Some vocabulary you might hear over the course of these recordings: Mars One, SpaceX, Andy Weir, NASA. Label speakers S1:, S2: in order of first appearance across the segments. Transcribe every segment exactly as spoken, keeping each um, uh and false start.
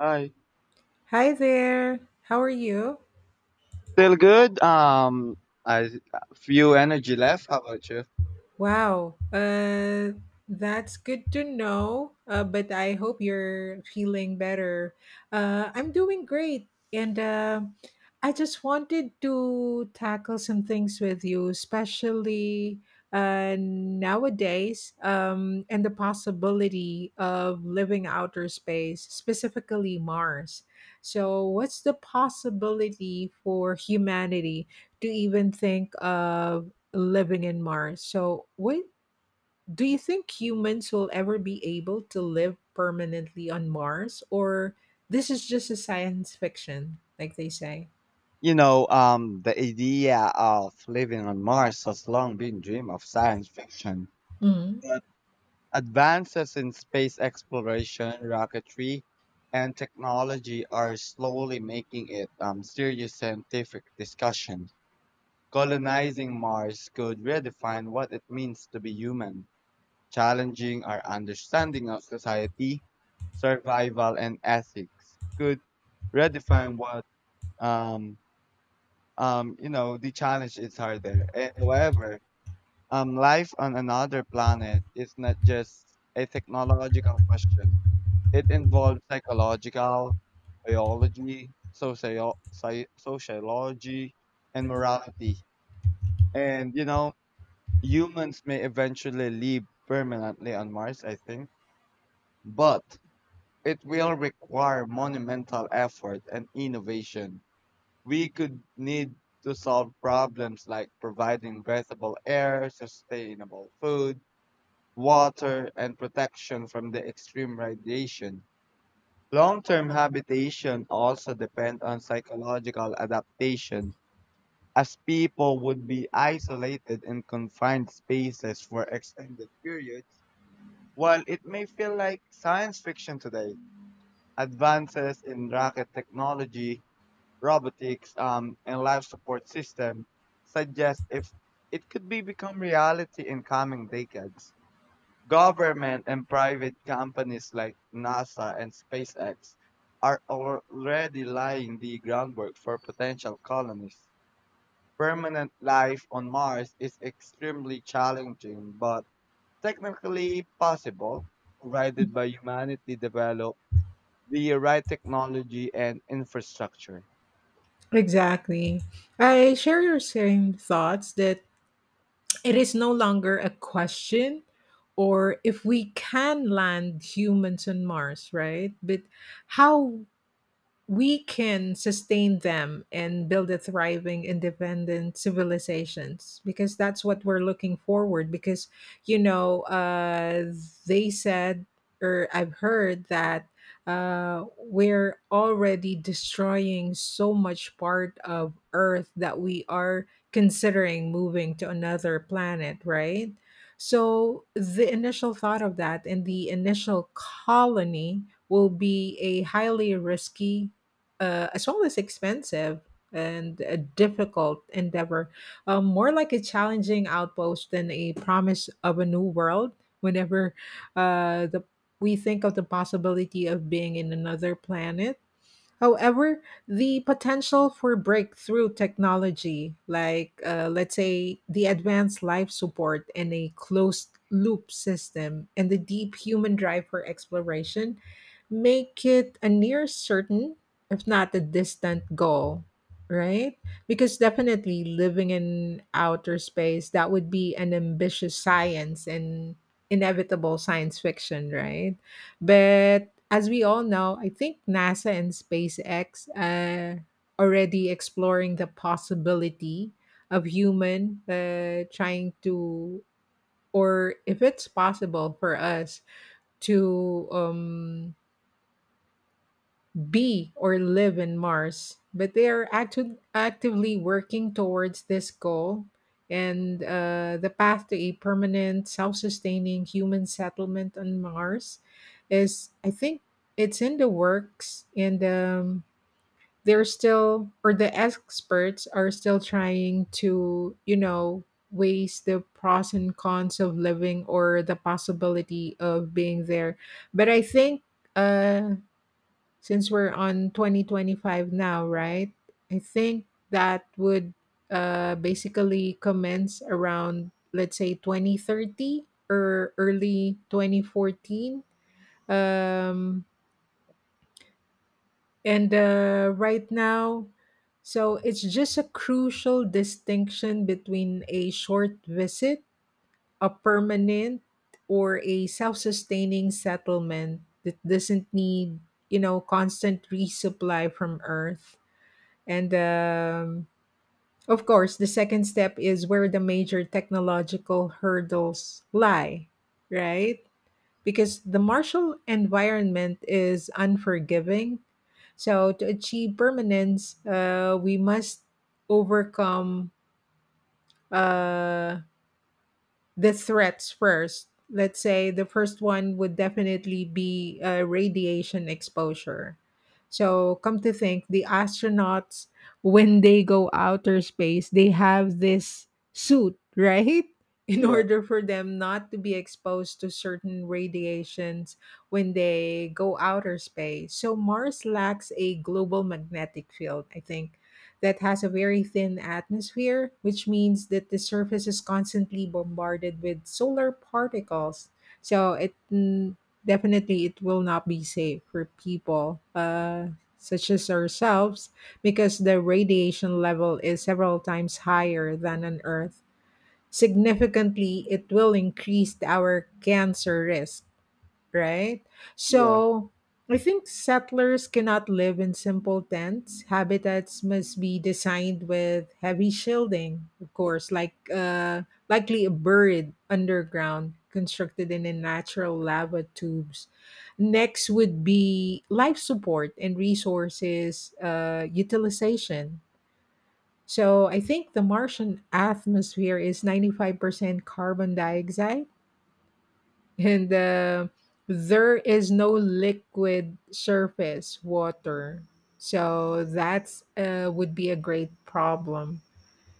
S1: Hi.
S2: Hi there. How are you?
S1: Feel good. Um, I few energy left. How about you?
S2: Wow, uh, that's good to know. Uh, but I hope you're feeling better. Uh, I'm doing great, and uh, I just wanted to tackle some things with you, especially uh, nowadays, um, and the possibility of living outer space, specifically Mars. So, what's the possibility for humanity to even think of living in Mars? So, what do you think? Humans will ever be able to live permanently on Mars, or this is just a science fiction, like they say?
S1: You know, um, the idea of living on Mars has long been dream of science fiction.
S2: Mm,
S1: But advances in space exploration, rocketry, and technology are slowly making it um serious scientific discussion. Colonizing Mars could redefine what it means to be human, challenging our understanding of society, survival, and ethics. Could redefine what um um you know the challenge is harder. Eh, However, um life on another planet is not just a technological question. It involves psychological, biology, socio- sci- sociology, and morality. And you know, Humans may eventually live permanently on Mars, I think, but it will require monumental effort and innovation. We could need to solve problems like providing breathable air, sustainable food, water, and protection from the extreme radiation. Long-term habitation also depend on psychological adaptation, as people would be isolated in confined spaces for extended periods. While it may feel like science fiction today, advances in rocket technology, robotics, um, and life support system suggest if it could be become reality in coming decades. Government and private companies like NASA and SpaceX are already laying the groundwork for potential colonies. Permanent life on Mars is extremely challenging, but technically possible, provided by humanity develop the right technology and infrastructure.
S2: exactly. I share your same thoughts that it is no longer a question or if we can land humans on Mars, right? But how we can sustain them and build a thriving independent civilizations, because that's what we're looking forward, because you know uh, they said or I've heard that uh, we're already destroying so much part of earth that we are considering moving to another planet, right? So the initial thought of that and the initial colony will be a highly risky, uh, as well as expensive and a difficult endeavor, um, more like a challenging outpost than a promise of a new world. Whenever uh, the we think of the possibility of being in another planet, however, the potential for breakthrough technology, like uh, let's say the advanced life support and a closed loop system, and the deep human drive for exploration, make it a near certain, if not a distant goal, right? Because definitely living in outer space, that would be an ambitious science and inevitable science fiction, right? But as we all know, I think NASA and SpaceX uh, already exploring the possibility of human uh, trying to, or if it's possible for us to um, be or live in Mars, but they are actu- actively working towards this goal, and uh, the path to a permanent, self sustaining human settlement on Mars is, I think, it's in the works, and um, they're still, or the experts are still trying to, you know, weigh the pros and cons of living or the possibility of being there. But I think uh since we're on twenty twenty-five now, right? I think that would uh, basically commence around, let's say, twenty thirty or early twenty fourteen. Um, and uh, right now, so it's just a crucial distinction between a short visit, a permanent, or a self sustaining settlement that doesn't need, you know, constant resupply from Earth. And um, Of course, the second step is where the major technological hurdles lie, right? Because the martial environment is unforgiving. So, to achieve permanence, uh, we must overcome Uh, the threats first. Let's say the first one would definitely be uh, radiation exposure. So, come to think, the astronauts, when they go outer space, they have this suit, right? In
S1: Yeah,
S2: order for them not to be exposed to certain radiations when they go outer space. So, Mars lacks a global magnetic field, I think that has a very thin atmosphere, which means that the surface is constantly bombarded with solar particles. So it mm, definitely it will not be safe for people, uh, such as ourselves, because the radiation level is several times higher than on Earth. Significantly, it will increase our cancer risk, right?
S1: yeah.
S2: So I think settlers cannot live in simple tents. Habitats must be designed with heavy shielding, of course, like uh, likely a buried underground constructed in a natural lava tubes. Next would be life support and resources uh, utilization. So I think the Martian atmosphere is ninety-five percent carbon dioxide, and uh, there is no liquid surface water. So that's uh, would be a great problem.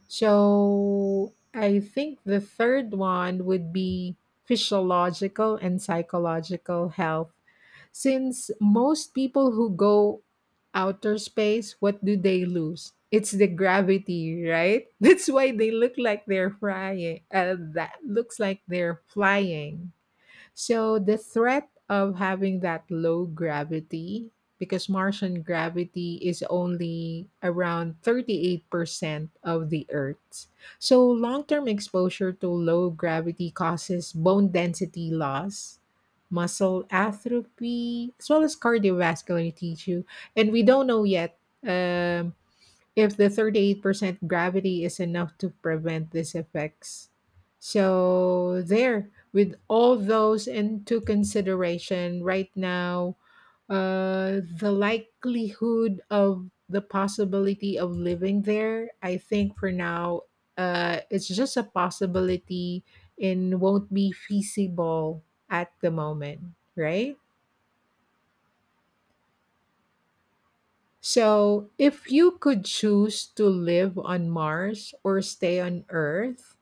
S2: So I think the third one would be physiological and psychological health. Since most people who go outer space, what do they lose? It's the gravity, right? That's why they look like they're flying. Uh, that looks like they're flying, so the threat of having that low gravity, because Martian gravity is only around thirty-eight percent of the Earth's. So long term exposure to low gravity causes bone density loss, muscle atrophy, as well as cardiovascular tissue. And we don't know yet. Um, if the thirty-eight percent gravity is enough to prevent these effects. So, there, with all those into consideration right now, uh, the likelihood of the possibility of living there, I think for now, uh, it's just a possibility and won't be feasible at the moment, right? So, if you could choose to live on Mars or stay on Earth,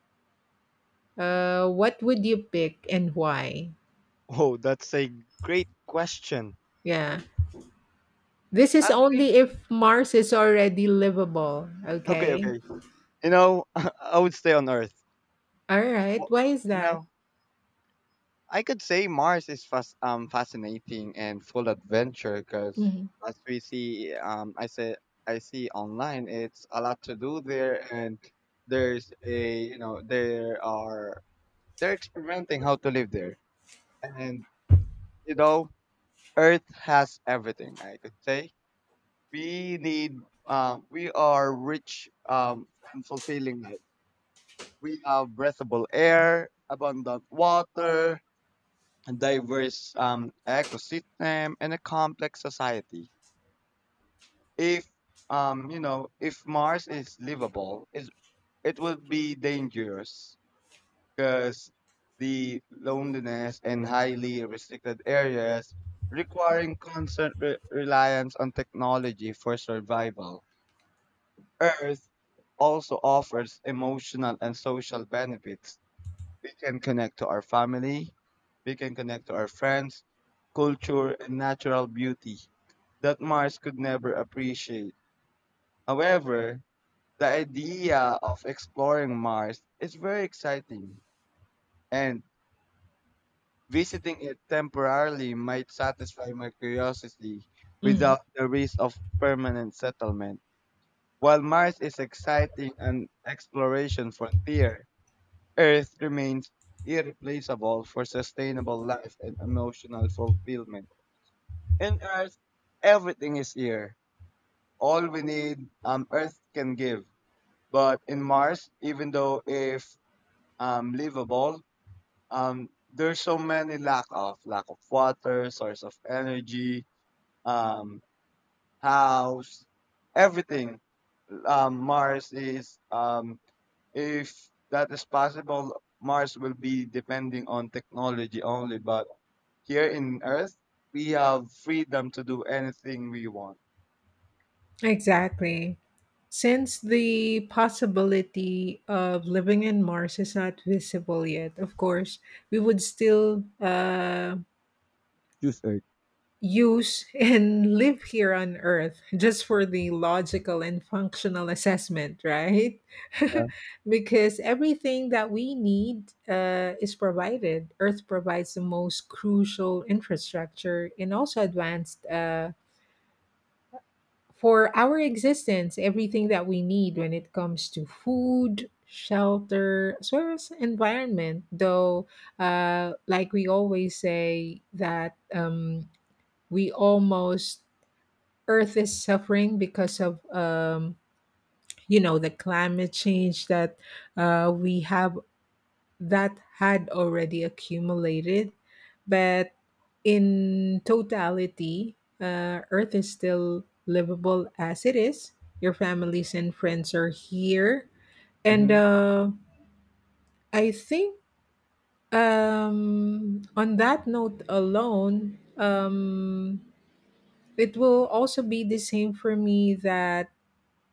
S2: uh, what would you pick and why?
S1: Oh, that's a great question.
S2: Yeah. This is
S1: Actually,
S2: only if Mars is already livable.
S1: okay,
S2: Okay.
S1: okay. You know, I would stay on Earth.
S2: All right.
S1: Well,
S2: Why is
S1: you
S2: that?
S1: know, I could say Mars is fas um fascinating and full adventure because
S2: Mhm.
S1: as we see, um, I say I see online, it's a lot to do there, and there's a you know there are they're experimenting how to live there, and you know, Earth has everything. I could say we need, uh, we are rich, um, and fulfilling life. We have breathable air, abundant water, a diverse um, ecosystem, and a complex society. If, um, You know, if Mars is livable, is it would be dangerous because the loneliness and highly restricted areas requiring constant re- reliance on technology for survival. Earth also offers emotional and social benefits. We can connect to our family, we can connect to our friends, culture, and natural beauty that Mars could never appreciate. However, the idea of exploring Mars is very exciting, and visiting it temporarily might satisfy my curiosity
S2: Mhm.
S1: without the risk of permanent settlement. While Mars is exciting and exploration frontier, Earth remains irreplaceable for sustainable life and emotional fulfillment. In Earth, everything is here. All we need, um, Earth can give. But in Mars, even though if um, livable, um, there's so many lack of lack of water, source of energy, um, house, everything. Um, Mars is um, If that is possible, Mars will be depending on technology only, but here in Earth, we have freedom to do anything we want.
S2: Exactly. Since the possibility of living in Mars is not visible yet, of course, we would still uh,
S1: Choose Earth.
S2: use and live here on earth just for the logical and functional assessment, right?
S1: Yeah.
S2: Because everything that we need uh, is provided. Earth provides the most crucial infrastructure and also advanced, uh, for our existence, everything that we need when it comes to food, shelter, as well as environment, though uh, like we always say that um, we almost Earth is suffering because of um, you know, the climate change that uh, we have, that had already accumulated, but in totality, uh, Earth is still livable as it is. Your families and friends are here, and
S1: Mm-hmm.
S2: uh, I think um, on that note alone, um, it will also be the same for me that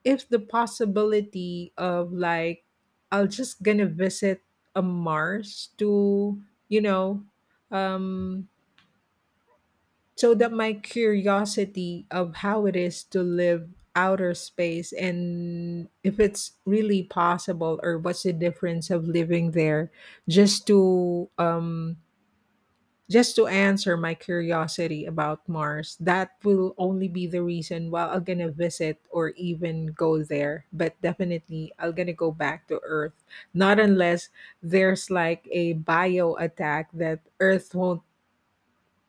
S2: if the possibility of like I'll just gonna visit a mars to, you know, um so that my curiosity of how it is to live outer space and if it's really possible or what's the difference of living there, just to um just to answer my curiosity about Mars, that will only be the reason why I'm gonna visit or even go there. But definitely, I'm gonna go back to Earth. Not unless there's like a bio attack that Earth won't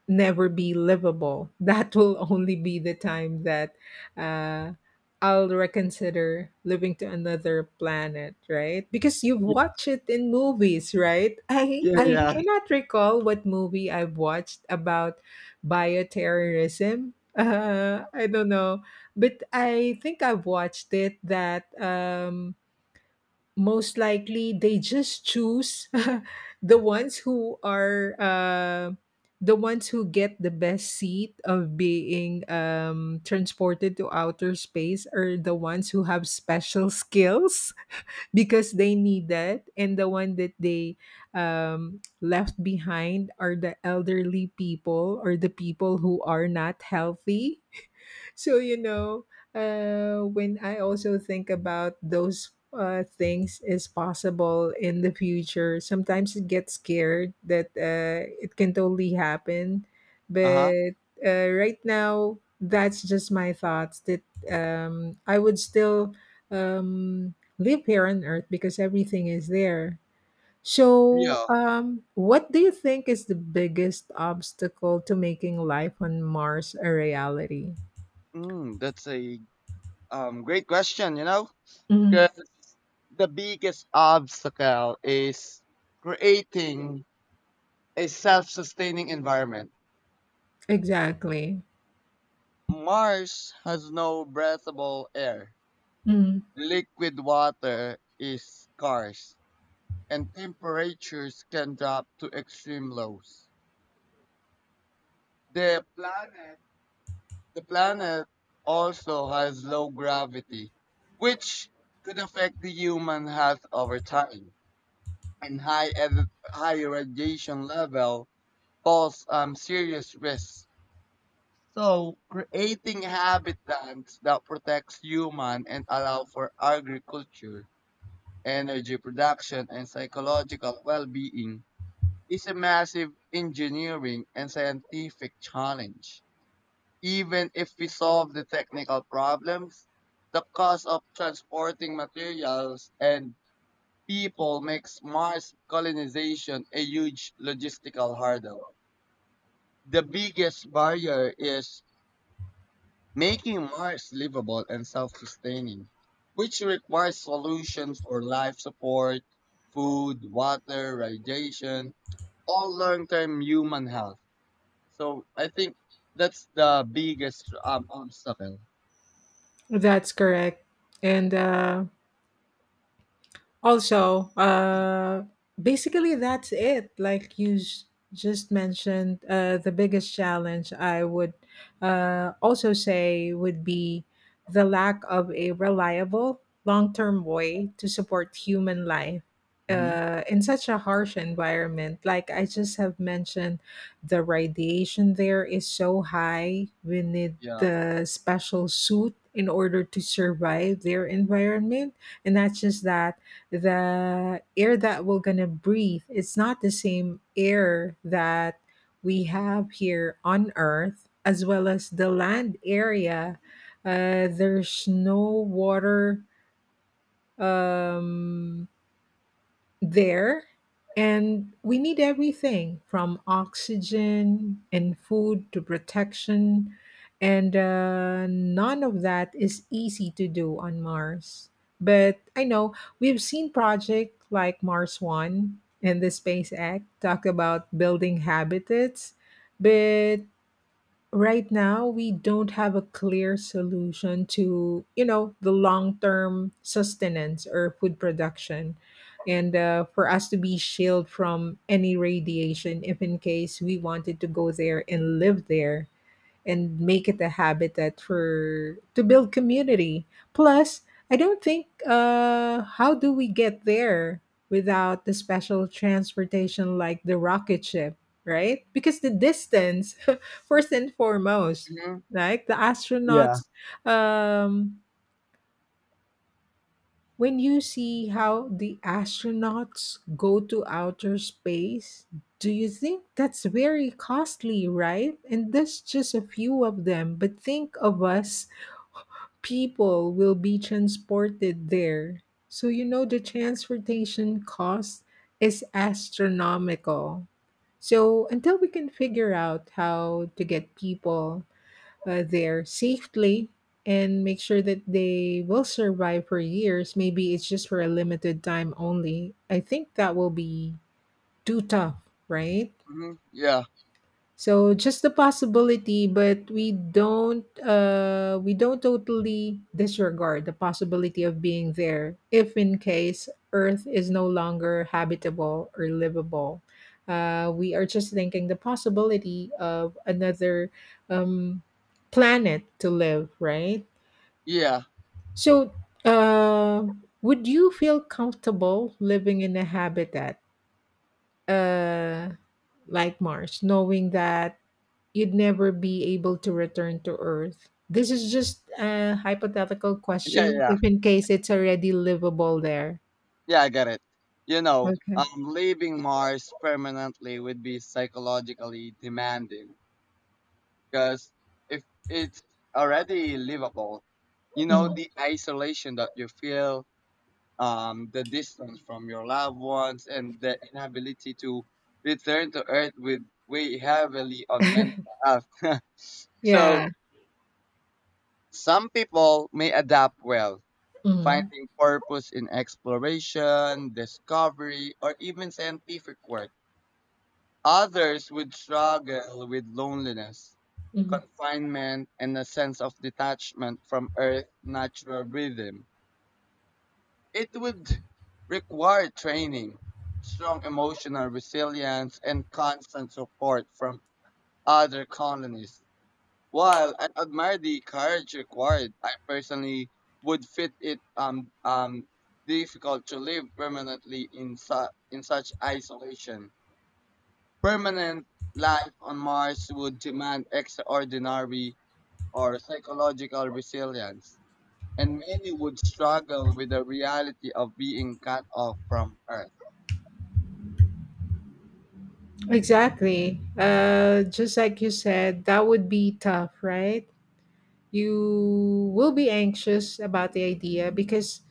S2: never be livable. That will only be the time that uh, I'll reconsider living to another planet, right? Because you
S1: Y-
S2: watch it in movies, right? I
S1: Yeah,
S2: I
S1: yeah.
S2: cannot recall what movie I've watched about bioterrorism. Uh, I don't know, but I think I've watched it that. Um, most likely they just choose the ones who are uh, the ones who get the best seat of being um, transported to outer space are the ones who have special skills because they need that, and the one that they um, left behind are the elderly people or the people who are not healthy. So, you know, uh, when I also think about those uh, things is possible in the future, sometimes it gets scared that uh, it can totally happen.
S1: Uh huh.
S2: But uh, right now, that's just my thoughts that um, I would still um, live here on Earth because everything is there. So,
S1: Yeah.
S2: um, what do you think is the biggest obstacle to making life on Mars a reality?
S1: Mm, that's a um great question. You know,
S2: Mhm.
S1: because the biggest obstacle is creating a self-sustaining environment.
S2: Exactly.
S1: Mars has no breathable air.
S2: Mm,
S1: Liquid water is scarce, and temperatures can drop to extreme lows. The planet, the planet also has low gravity, which could affect the human health over time. And high ed- high radiation level pose um, serious risks. So, creating habitats that protects human and allow for agriculture, energy production, and psychological well being is a massive engineering and scientific challenge. Even if we solve the technical problems, the cost of transporting materials and people makes Mars colonization a huge logistical hurdle. The biggest barrier is making Mars livable and self-sustaining, which requires solutions for life support, food, water, radiation, all long-term human health. So I think that's the biggest um, obstacle.
S2: that's correct. And uh, also, uh, basically that's it. Like you s- just mentioned, uh, the biggest challenge I would uh, also say would be the lack of a reliable long term way to support human life.
S1: Hmm.
S2: Uh, in such a harsh environment, like I just have mentioned, the radiation there is so high. We need
S1: Yeah.
S2: the special suit in order to survive their environment. And not just that, the air that we're going to breathe, it's not the same air that we have here on earth, as well as the land area. Uh, there's no water, um, there, and we need everything from oxygen and food to protection, and uh, none of that is easy to do on mars. But I know we've seen projects like mars one and the space act talk about building habitats, but right now we don't have a clear solution to, you know, the long-term sustenance or food production, and uh, for us to be shielded from any radiation if in case we wanted to go there and live there and make it a habit that for to build community. Plus, I don't think uh how do we get there without the special transportation, like the rocket ship, right? Because the distance first and foremost,
S1: Hmm.
S2: like the
S1: Yeah.
S2: astronauts, um when you see how the astronauts go to outer space, do you think that's very costly, right? And that's just a few of them. But think of us, people will be transported there. So, you know, the transportation cost is astronomical. So, until we can figure out how to get people uh, there safely and make sure that they will survive for years, maybe it's just for a limited time only, I think that will be too tough, right?
S1: Hmm. Yeah,
S2: So just the possibility, but we don't uh we don't totally disregard the possibility of being there if in case Earth is no longer habitable or livable. Uh, we are just thinking the possibility of another um, planet to live, right?
S1: yeah,
S2: So uh, would you feel comfortable living in a habitat uh, like Mars, knowing that you'd never be able to return to Earth? This is just a hypothetical
S1: yeah,
S2: question,
S1: yeah,
S2: if in case it's already livable there.
S1: yeah. I get it. You know,
S2: Okay.
S1: um, Leaving Mars permanently would be psychologically demanding, because if it's already livable, you know
S2: Mhm.
S1: the isolation that you feel, um, the distance from your loved ones, and the inability to return to Earth would weigh heavily on mental health. So
S2: Yeah.
S1: some people may adapt well,
S2: Mhm.
S1: finding purpose in exploration, discovery, or even scientific work. Others would struggle with loneliness,
S2: Mhm.
S1: confinement, and a sense of detachment from Earth's natural rhythm. It would require training, strong emotional resilience, and constant support from other colonies. While I admire the courage required, I personally would fit it um, um, difficult to live permanently in, su- in such isolation. Permanent life on Mars would demand extraordinary or psychological resilience, and many would struggle with the reality of being cut off from Earth.
S2: Exactly. Uh, just like you said, that would be tough, right? You will be anxious about the idea because,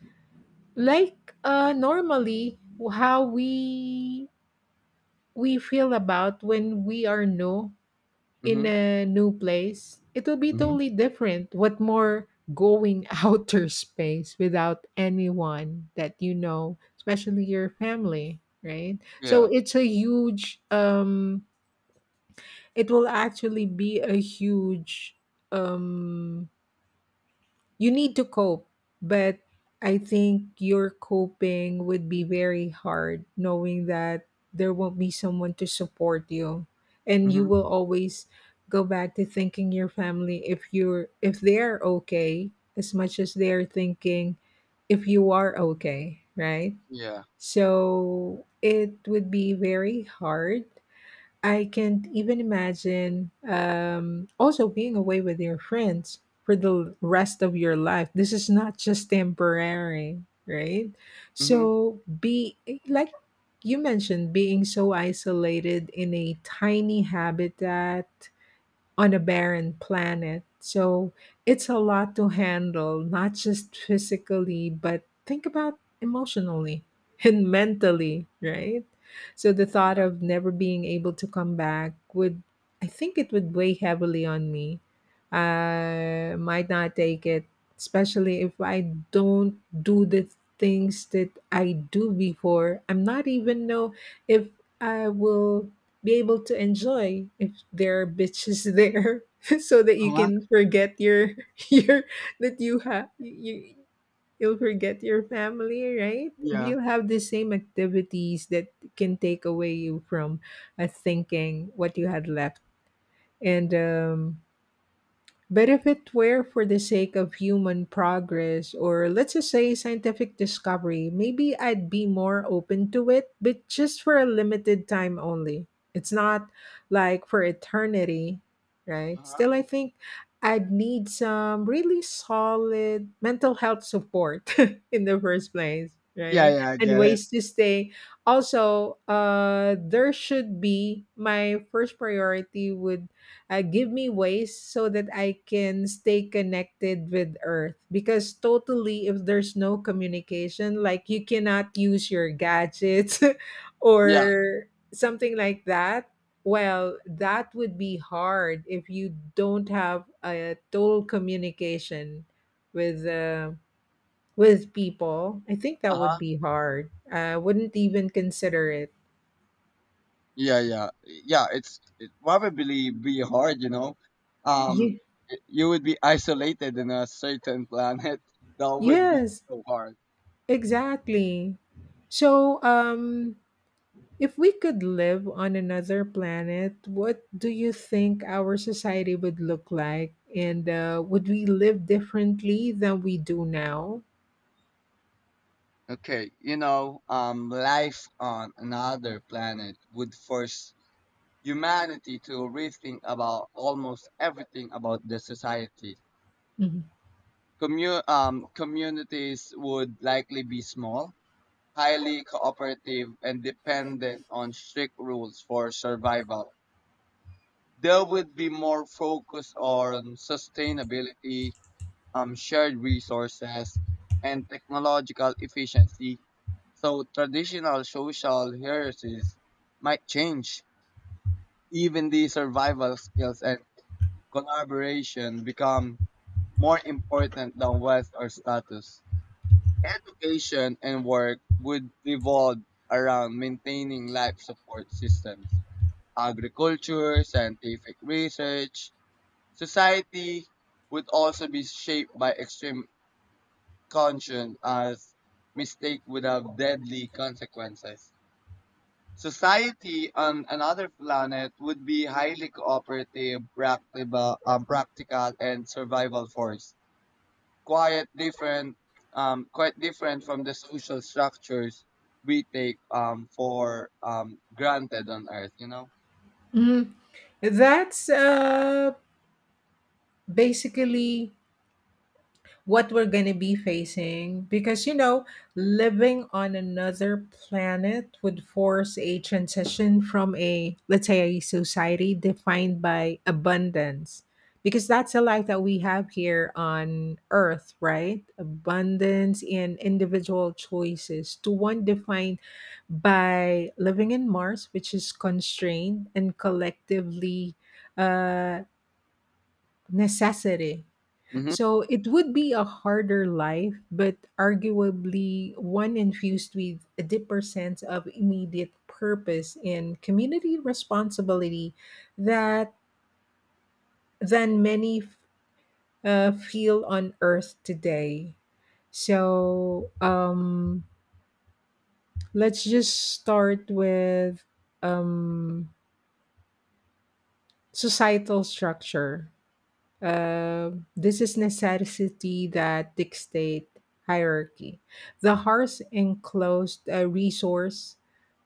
S2: like, uh, normally how we we feel about when we are new in
S1: Mm-hmm.
S2: a new place, it will be
S1: Mm-hmm.
S2: totally different. What more going outer space without anyone that you know, especially your family, right? So
S1: Yeah.
S2: it's a huge um it will actually be a huge um you need to cope, but I think your coping would be very hard knowing that there won't be someone to support you, and you
S1: Mm-hmm.
S2: will always go back to thinking your family if you're if they're okay, as much as they're thinking if you are okay, right?
S1: Yeah.
S2: So it would be very hard. I can't even imagine um, also being away with your friends for the rest of your life. This is not just temporary, right?
S1: Mm-hmm.
S2: So, be like you mentioned, being so isolated in a tiny habitat on a barren planet. So it's a lot to handle, not just physically, but think about emotionally and mentally, right? So the thought
S1: Yeah.
S2: of never being able to come back would, I think it would weigh heavily on me. I might not take it, especially if I don't do the things that I do before. I'm not even know if I will be able to enjoy if there are bitches there so that you
S1: Uh-huh.
S2: can forget your your that you have you you'll forget your family, right? If
S1: Yeah.
S2: you have the same activities that can take away you from uh, thinking what you had left, and um but if it were for the sake of human progress, or let's just say scientific discovery, maybe I'd be more open to it, but just for a limited time only. It's not like for eternity, right?
S1: Uh-huh.
S2: Still, I think I'd need some really solid mental health support in the first place,
S1: Yeah.
S2: right?
S1: Yeah. I
S2: And
S1: get it.
S2: ways to stay. Also, uh, there should be my first priority would uh, give me ways so that I can stay connected with Earth. Because totally, if there's no communication, like you cannot use your gadgets
S1: Yeah.
S2: or something like that, well, that would be hard if you don't have a total communication with. Uh, with people, I think
S1: Uh
S2: that would
S1: huh.
S2: be hard. I wouldn't even consider it.
S1: Yeah. Yeah. Yeah. It's it probably be hard, you know. Um,
S2: You,
S1: y- you would be isolated in a certain planet. That would be
S2: yes,
S1: so hard.
S2: exactly. So, um, if we could live on another planet, what do you think our society would look like? And uh, would we live differently than we do now?
S1: Okay, you know, um, life on another planet would force humanity to rethink about almost everything about the society.
S2: Mhm.
S1: Commu- um, communities would likely be small, highly cooperative, and dependent on strict rules for survival. There would be more focus on sustainability, um, shared resources, and technological efficiency. So traditional social hierarchies might change. Even the survival skills and collaboration become more important than wealth or status. Education and work would revolve around maintaining life support systems. Agriculture, scientific research, society would also be shaped by extreme conscience as mistake without deadly consequences. Society on another planet would be highly cooperative, practical, um, practical and survival force. Quite different, um, Quite different from the social structures we take um, for um, granted on Earth. You know.
S2: Mhm. That's uh, basically what we're going to be facing, because you know, living on another planet would force a transition from, a let's say, a society defined by abundance, because that's the life that we have here on Earth, right? Abundance and individual choices to one defined by living in Mars, which is constrained and collectively uh necessity.
S1: Hmm.
S2: So it would be a harder life, but arguably one infused with a deeper sense of immediate purpose and community responsibility, that than many uh, feel on Earth today. So um, let's just start with um, societal structure. Um, this is necessity that dictate hierarchy. The harsh enclosed uh, resource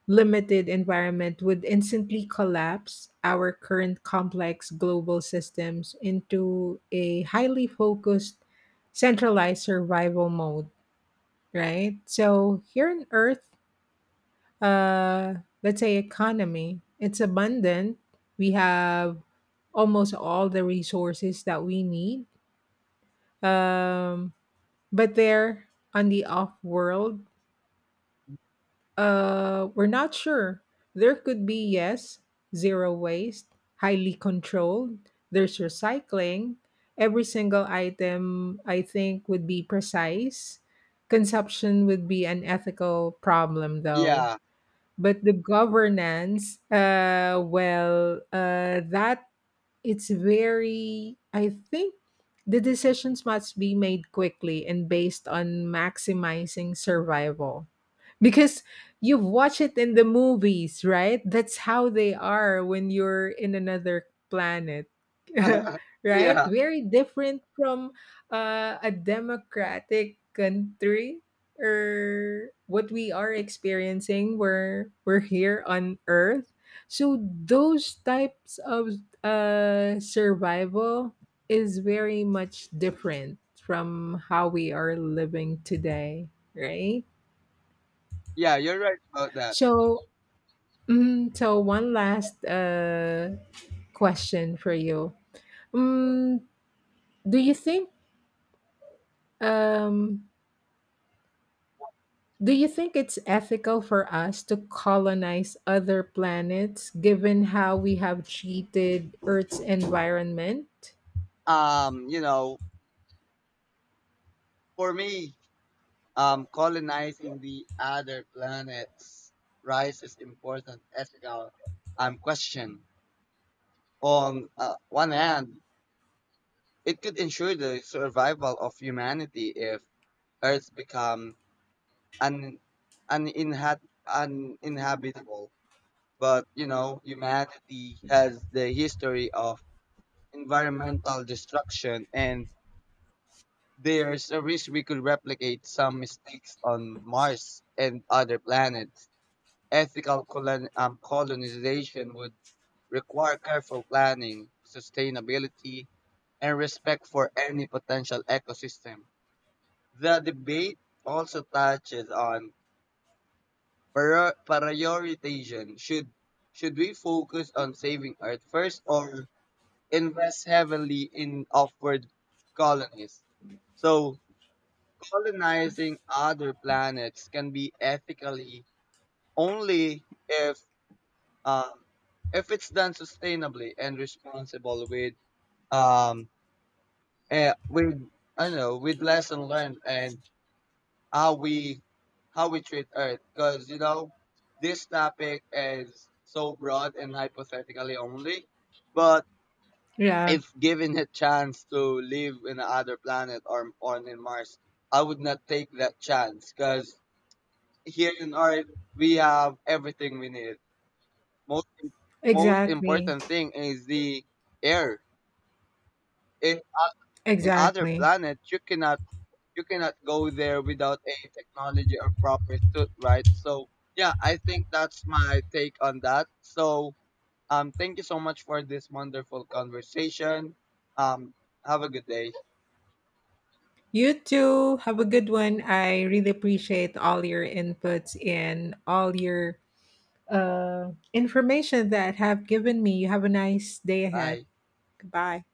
S2: limited environment would instantly collapse our current complex global systems into a highly focused, centralized survival mode. Right, so here on Earth, uh let's say economy, it's abundant. We have almost all the resources that we need, um, but there on the off world, uh, we're not sure. There could be, yes, zero waste, highly controlled. There's recycling. Every single item I think would be precise. Consumption would be an ethical problem though.
S1: Yeah,
S2: But the governance, uh, well, uh, that it's very, I think the decisions must be made quickly and based on maximizing survival. Because you've watched it in the movies, right? That's how they are when you're in another planet. Right?
S1: yeah,
S2: Very different from uh, a democratic country or what we are experiencing. We're we're here on Earth. So those types of uh, survival is very much different from how we are living today, right?
S1: yeah. You're right about that.
S2: So, mm, so one last uh, question for you: mm, do you think um, do you think it's ethical for us to colonize other planets, given how we have treated Earth's environment?
S1: Um, you know, for me, um, colonizing the other planets raises important ethical um, question. On uh, one hand, it could ensure the survival of humanity if Earth become un- uninha- uninhabitable. But you know, humanity has the history of environmental destruction, and there's a risk we could replicate some mistakes on Mars and other planets. Ethical colon, um, colonization would require careful planning, sustainability, and respect for any potential ecosystem. The debate also touches on prior- prioritization. Should should we focus on saving Earth first or invest heavily in upward colonies? So colonizing other planets can be ethically only if, Um, if it's done sustainably and responsible with um eh, with I don't know, with lesson learned and how we how we treat Earth, because you know this topic is so broad and hypothetically only, but
S2: Yeah.
S1: if given a chance to live in another planet or on in Mars, I would not take that chance because here in Earth we have everything we need. Most im- Most
S2: Exactly.
S1: important thing is the air. In oth- in other
S2: Exactly.
S1: planets, you cannot you cannot go there without a technology or proper suit, right? So yeah, I think that's my take on that. So um, thank you so much for this wonderful conversation. Um, have a good day.
S2: You too. Have a good one. I really appreciate all your inputs and all your uh, information that have given me. You have a nice day ahead.
S1: Bye.
S2: Goodbye.